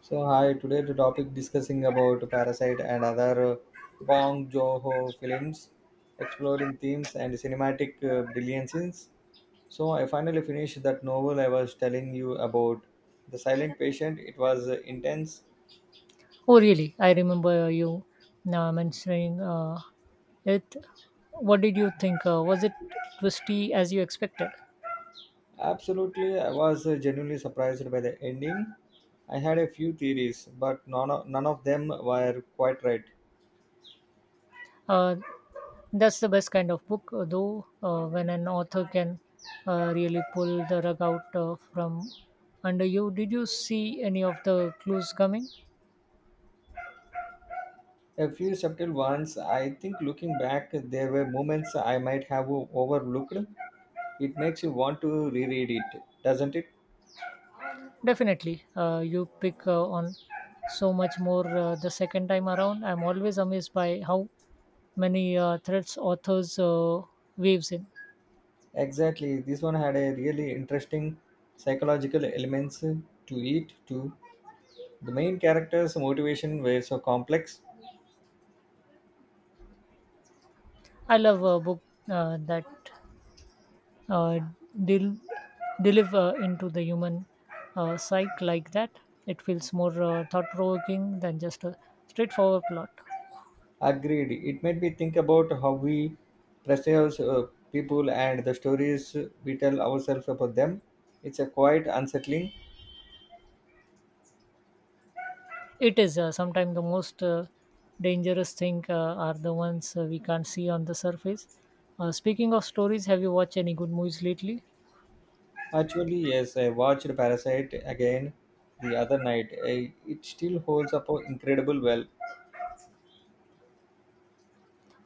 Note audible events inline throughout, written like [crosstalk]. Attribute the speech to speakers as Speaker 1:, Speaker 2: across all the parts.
Speaker 1: So hi, today the topic discussing about Parasite and other Bong Joon-ho films, exploring themes and cinematic brilliances. So I finally finished that novel I was telling you about, The Silent Patient. It was intense.
Speaker 2: Oh, really? I remember you mentioning it. What did you think? Was it twisty as you expected?
Speaker 1: Absolutely, I was genuinely surprised by the ending. I had a few theories, but none of them were quite right.
Speaker 2: Uh, that's the best kind of book, though, when an author can really pull the rug out from under you. Did you see any of the clues coming?
Speaker 1: A few subtle ones. I think looking back, there were moments I might have overlooked. It makes you want to reread it, doesn't it?
Speaker 2: Definitely. You pick on so much more the second time around. I'm always amazed by how many threads authors waves in.
Speaker 1: Exactly. This one had a really interesting psychological elements to it too. The main character's motivation were so complex.
Speaker 2: I love a book that uh, del- deliver into the human psyche like that. It feels more thought provoking than just a straightforward plot.
Speaker 1: Agreed. It made me think about how we perceive people and the stories we tell ourselves about them. It's a quite unsettling.
Speaker 2: It is, sometimes the most dangerous thing are the ones we can't see on the surface. Speaking of stories, have you watched any good movies lately?
Speaker 1: Actually, yes, I watched Parasite again the other night. I, it still holds up incredible well.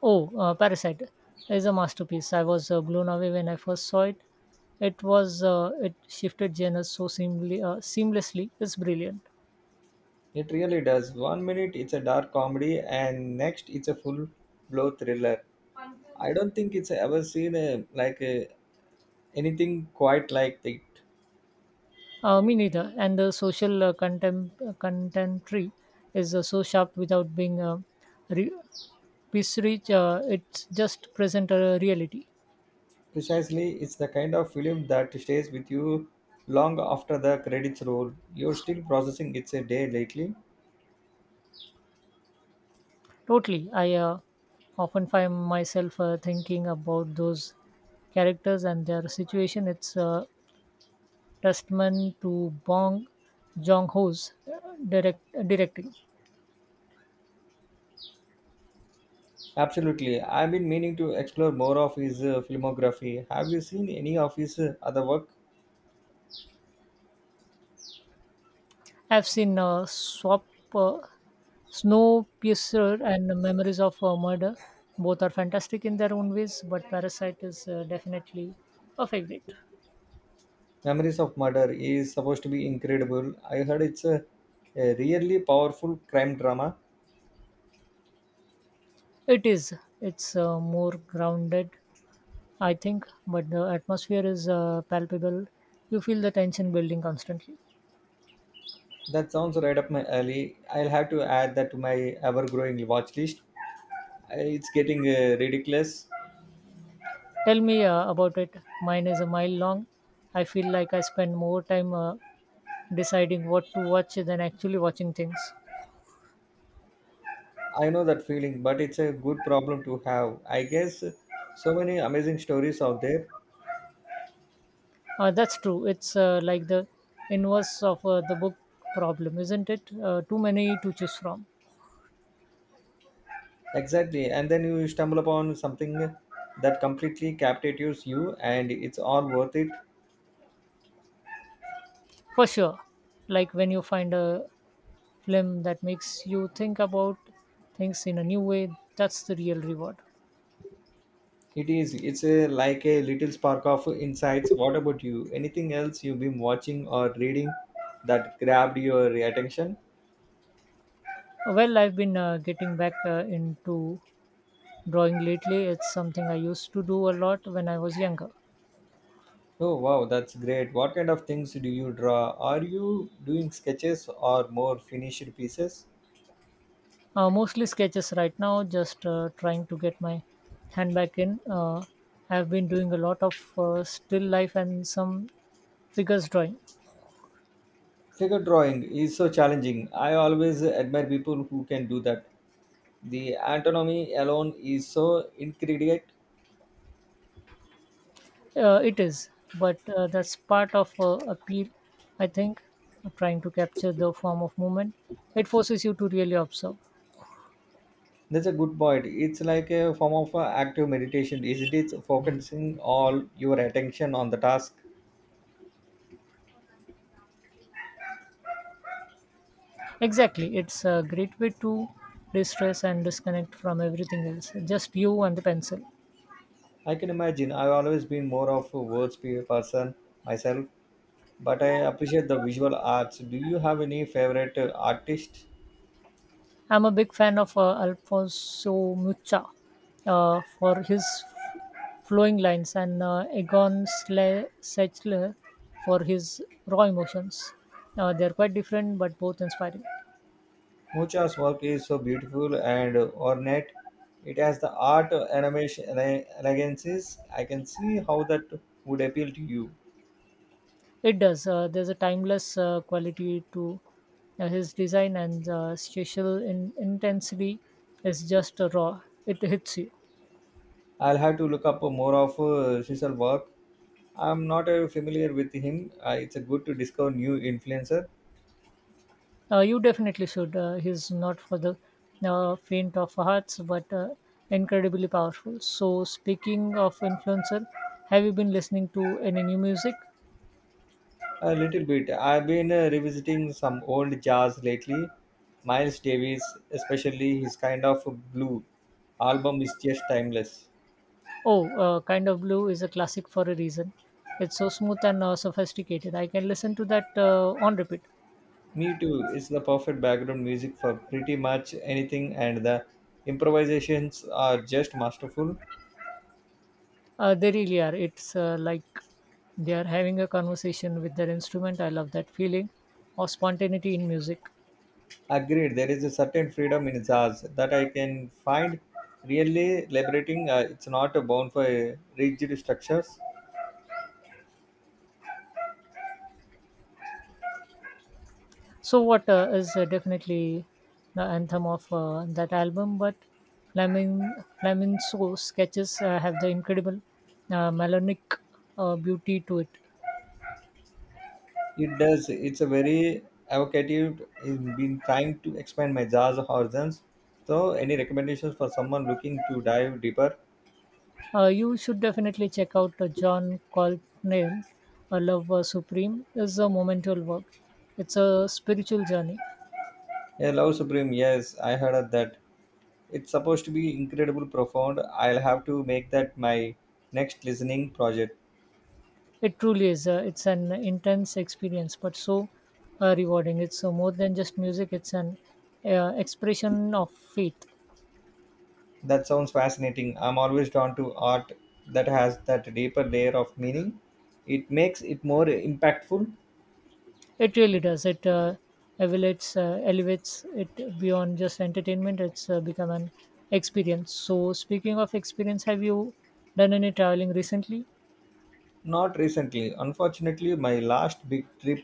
Speaker 2: Oh, Parasite is a masterpiece. I was blown away when I first saw it. It was, it shifted genres so seamlessly. It's brilliant.
Speaker 1: It really does. One minute it's a dark comedy, and next it's a full blow thriller. I don't think it's ever seen a, like a, anything quite like it.
Speaker 2: Me neither. And the social contemporary is so sharp without being re- piece rich. It just present a reality.
Speaker 1: Precisely, it's the kind of film that stays with you long after the credits roll. You're still processing it's a day lately.
Speaker 2: Totally. I often find myself thinking about those characters and their situation. It's testament to Bong Joon-ho's directing.
Speaker 1: Absolutely, I've been meaning to explore more of his filmography. Have you seen any of his other work?
Speaker 2: I've seen Swap, uh, Snowpiercer and Memories of a Murder. Both are fantastic in their own ways, but Parasite is definitely a favorite.
Speaker 1: Memories of Murder is supposed to be incredible. I heard it's a really powerful crime drama.
Speaker 2: It is. It's more grounded, I think, but the atmosphere is palpable. You feel the tension building constantly.
Speaker 1: That sounds right up my alley. I'll have to add that to my ever-growing watch list. I- It's getting ridiculous.
Speaker 2: Tell me about it. Mine is a mile long. I feel like I spend more time deciding what to watch than actually watching things.
Speaker 1: I know that feeling, but it's a good problem to have. I guess so many amazing stories out there.
Speaker 2: That's true. It's like the inverse of the book problem, isn't it? Too many to choose from.
Speaker 1: Exactly, and then you stumble upon something that completely captivates you, and it's all worth it.
Speaker 2: For sure. Like when you find a film that makes you think about things in a new way, that's the real reward.
Speaker 1: It is. It's a, like a little spark of insights. What about you? Anything else you've been watching or reading that grabbed your attention?
Speaker 2: Well, I've been getting back into drawing lately. It's something I used to do a lot when I was younger.
Speaker 1: Oh wow, that's great. What kind of things do you draw? Are you doing sketches or more finished pieces?
Speaker 2: Mostly sketches right now, just trying to get my hand back in. I've been doing a lot of still life and some figures drawing.
Speaker 1: Figure drawing is so challenging. I always admire people who can do that. The anatomy alone is so intricate.
Speaker 2: It is, but that's part of appeal, I think, trying to capture the form of movement. It forces you to really observe.
Speaker 1: That's a good point. It's like a form of active meditation, isn't it? Focusing all your attention on the task.
Speaker 2: Exactly, it's a great way to distress and disconnect from everything else, just you and the pencil.
Speaker 1: I can imagine. I've always been more of a person myself, but I appreciate the visual arts. Do you have any favorite artist?
Speaker 2: I'm a big fan of Alfonso Mucha for his flowing lines and Egon Sechler for his raw emotions. They're quite different, but both inspiring.
Speaker 1: Mucha's work is so beautiful and ornate. It has the art animation elegances. I can see how that would appeal to you.
Speaker 2: It does. There's a timeless quality to his design, and spatial intensity is just raw. It hits you.
Speaker 1: I'll have to look up more of Cecil's work. I'm not familiar with him. It's a good to discover new influencer.
Speaker 2: You definitely should. He's not for the faint of hearts, but incredibly powerful. So, speaking of influencer, have you been listening to any new music?
Speaker 1: A little bit. I've been revisiting some old jazz lately. Miles Davis, especially his Kind of Blue album, is just timeless.
Speaker 2: Oh, Kind of Blue is a classic for a reason. It's so smooth and sophisticated. I can listen to that on repeat.
Speaker 1: Me too. It's the perfect background music for pretty much anything, and the improvisations are just masterful.
Speaker 2: They really are. It's like they are having a conversation with their instrument. I love that feeling of spontaneity in music.
Speaker 1: Agreed, there is a certain freedom in jazz that I can find really liberating. It's not bound for rigid structures.
Speaker 2: So, what is definitely the anthem of that album? But Flamingo sketches have the incredible melodic beauty to it.
Speaker 1: It does. It's a very evocative. I've been trying to expand my jazz horizons. So, any recommendations for someone looking to dive deeper?
Speaker 2: You should definitely check out John Coltrane, Love Supreme is a monumental work. It's a spiritual journey.
Speaker 1: I love Supreme. Yes, I heard of that. It's supposed to be incredible profound. I'll have to make that my next listening project.
Speaker 2: It truly is. It's an intense experience, but so rewarding. It's more than just music. It's an expression of faith.
Speaker 1: That sounds fascinating. I'm always drawn to art that has that deeper layer of meaning. It makes it more impactful.
Speaker 2: It really does. It elevates it beyond just entertainment. It's become an experience. So, speaking of experience, have you done any traveling recently?
Speaker 1: Not recently. Unfortunately, my last big trip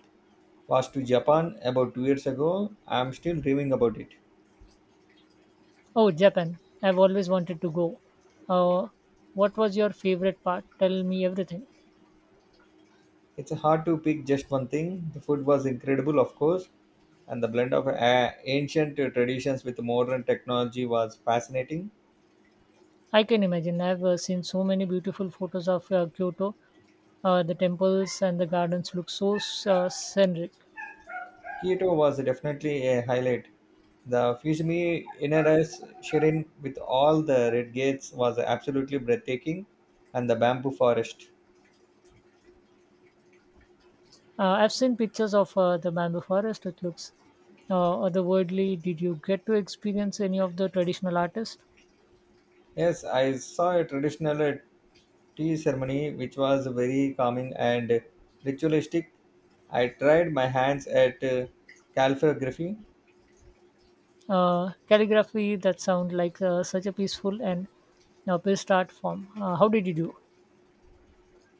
Speaker 1: was to Japan about 2 years ago. I'm still dreaming about it.
Speaker 2: Oh, Japan. I've always wanted to go. Uh, what was your favorite part? Tell me everything.
Speaker 1: It's hard to pick just one thing. The food was incredible, of course, and the blend of ancient traditions with modern technology was fascinating.
Speaker 2: I can imagine. I've seen so many beautiful photos of Kyoto. The temples and the gardens look so scenic.
Speaker 1: Kyoto was definitely a highlight. The Fushimi Inarais Shrine with all the red gates was absolutely breathtaking, and the bamboo forest.
Speaker 2: I've seen pictures of the bamboo forest. It looks otherworldly. Did you get to experience any of the traditional artists?
Speaker 1: Yes, I saw a traditional tea ceremony which was very calming and ritualistic. I tried my hands at calligraphy.
Speaker 2: Calligraphy that sound like such a peaceful and pissed art form. How did you do?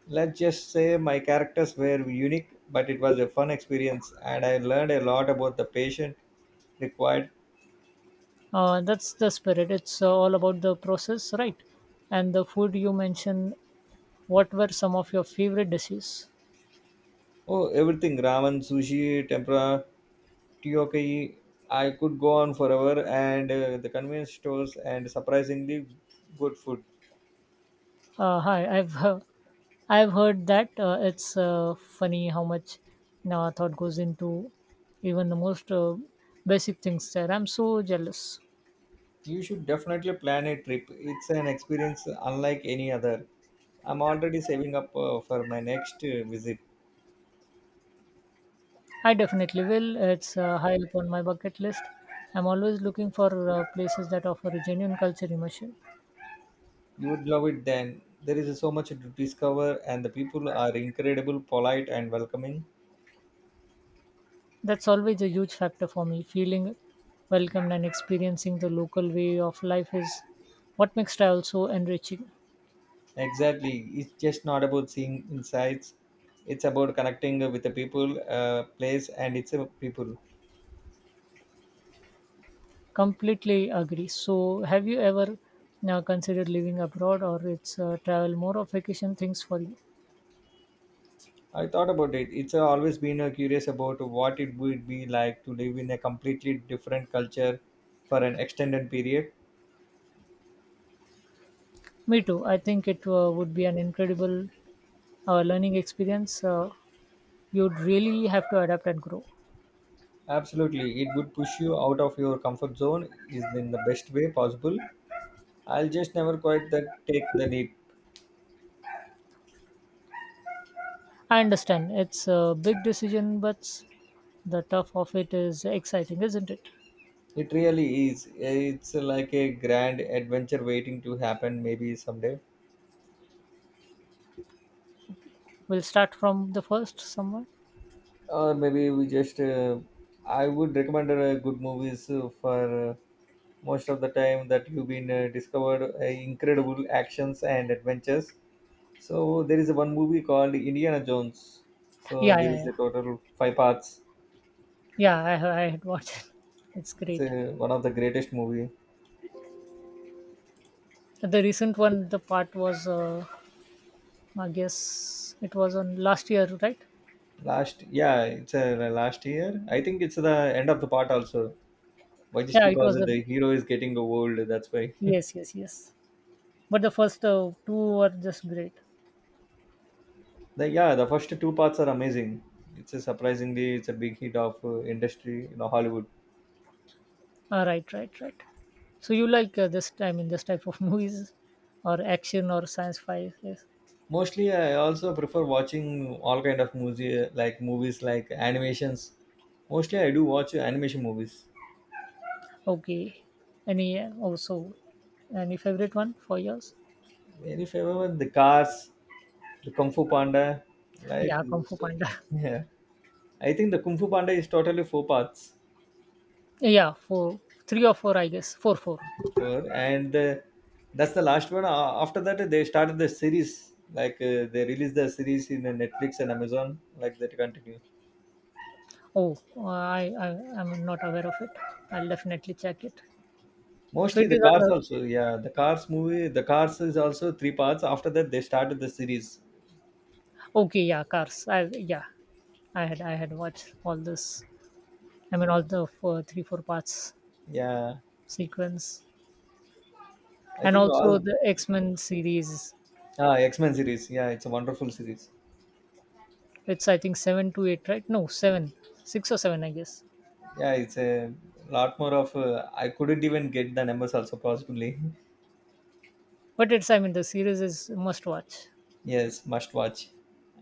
Speaker 1: Let's just say my characters were unique, but it was a fun experience, and I learned a lot about the patient required.
Speaker 2: That's the spirit. It's all about the process, right? And the food you mentioned. What were some of your favorite dishes?
Speaker 1: Oh, everything ramen, sushi, tempura, Tokyo. I could go on forever, and the convenience stores and surprisingly good food.
Speaker 2: Hi, I've heard that it's funny how much thought goes into even the most basic things. There, I'm so jealous.
Speaker 1: You should definitely plan a trip. It's an experience unlike any other. I'm already saving up for my next visit.
Speaker 2: I definitely will. It's high up on my bucket list. I'm always looking for places that offer a genuine culture immersion.
Speaker 1: You would love it then. There is so much to discover, and the people are incredible, polite, and welcoming.
Speaker 2: That's always a huge factor for me. Feeling welcomed and experiencing the local way of life is what makes travel so enriching.
Speaker 1: Exactly. It's just not about seeing insights. It's about connecting with the people, place, and its people.
Speaker 2: Completely agree. So, have you ever considered living abroad, or it's travel more of vacation things for you?
Speaker 1: I thought about it. It's always been curious about what it would be like to live in a completely different culture for an extended period.
Speaker 2: Me too. I think it would be an incredible learning experience. You'd really have to adapt and grow.
Speaker 1: Absolutely, it would push you out of your comfort zone is in the best way possible. I'll just never quite that take the leap.
Speaker 2: I understand it's a big decision, but the tough of it is exciting, isn't it?
Speaker 1: It really is. It's like a grand adventure waiting to happen maybe someday.
Speaker 2: We'll start from the first somewhere.
Speaker 1: Or maybe we just I would recommend good movies for most of the time that you've been discovered incredible actions and adventures, so there is one movie called Indiana Jones, so
Speaker 2: Yeah,
Speaker 1: there
Speaker 2: yeah,
Speaker 1: is
Speaker 2: yeah.
Speaker 1: a total five parts.
Speaker 2: Yeah, I had watched it. It's
Speaker 1: It's
Speaker 2: great.
Speaker 1: a, one of the greatest movie.
Speaker 2: The recent one, the part was, I guess it was on last year, right?
Speaker 1: Last, yeah, it's a, last year, I think it's the end of the part also. Why? Just
Speaker 2: Yeah, it
Speaker 1: because
Speaker 2: was a
Speaker 1: the hero is getting old, that's why.
Speaker 2: yes, yes, yes. But the first two were just great.
Speaker 1: The, yeah, the first two parts are amazing. It's a surprisingly it's a big hit of industry in Hollywood.
Speaker 2: Ah, right, right, right. So you like this? I mean, this type of [laughs] movies, or action, or science fi? Yes.
Speaker 1: Mostly, I also prefer watching all kind of music, like movies, like animations. Mostly, I do watch animation movies.
Speaker 2: Okay. Any also any favorite one for yours?
Speaker 1: Very favorable, the Cars, the Kung Fu Panda, like
Speaker 2: Yeah, Kung Fu
Speaker 1: so,
Speaker 2: Panda. [laughs]
Speaker 1: yeah. I think the Kung Fu Panda is totally four parts,
Speaker 2: Yeah, four, three or four, I guess. Four, four.
Speaker 1: four, and the, that's the last one. A- After that, they started the series, like they released the series in Netflix and Amazon, like that continue.
Speaker 2: Oh, I I'm not aware of it. I'll definitely check it. So
Speaker 1: Mostly
Speaker 2: it
Speaker 1: the
Speaker 2: is on
Speaker 1: Cars
Speaker 2: the
Speaker 1: also, yeah. The Cars movie, the Cars is also three parts. After that, they started the series.
Speaker 2: okay, yeah, cars. I yeah, I had watched all this. I mean, all the four, three, four parts
Speaker 1: Yeah,
Speaker 2: sequence,
Speaker 1: I
Speaker 2: and
Speaker 1: think
Speaker 2: also
Speaker 1: all
Speaker 2: the X Men series.
Speaker 1: ah, X-Men series. Yeah, it's a wonderful series.
Speaker 2: It's I think seven to eight, right? No, seven, six or seven, I guess.
Speaker 1: Yeah, it's a lot more of I couldn't even get the numbers also possibly.
Speaker 2: But it's I mean the series is must watch
Speaker 1: [laughs] Yes, must watch.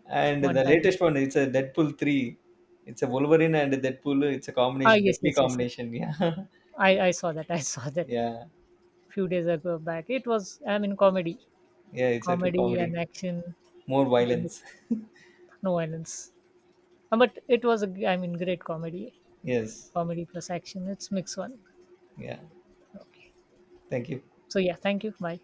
Speaker 1: And
Speaker 2: one
Speaker 1: the
Speaker 2: time.
Speaker 1: latest one, it's a Deadpool 3. It's a Wolverine and Deadpool. It's a
Speaker 2: Ah,
Speaker 1: combination,
Speaker 2: yes,
Speaker 1: deadly
Speaker 2: yes, yes, yes.
Speaker 1: combination. [laughs] Yeah.
Speaker 2: I saw that. [laughs] I saw that
Speaker 1: Yeah.
Speaker 2: few days ago back. It was I mean comedy,
Speaker 1: Yeah, it's a true
Speaker 2: comedy
Speaker 1: comedy.
Speaker 2: and action
Speaker 1: More
Speaker 2: all
Speaker 1: violence.
Speaker 2: mixed no violence. But it was a, I mean, great comedy,
Speaker 1: [laughs] Yes.
Speaker 2: comedy plus action. It's mix one.
Speaker 1: Yeah. Thank you.
Speaker 2: So yeah, thank you. Bye.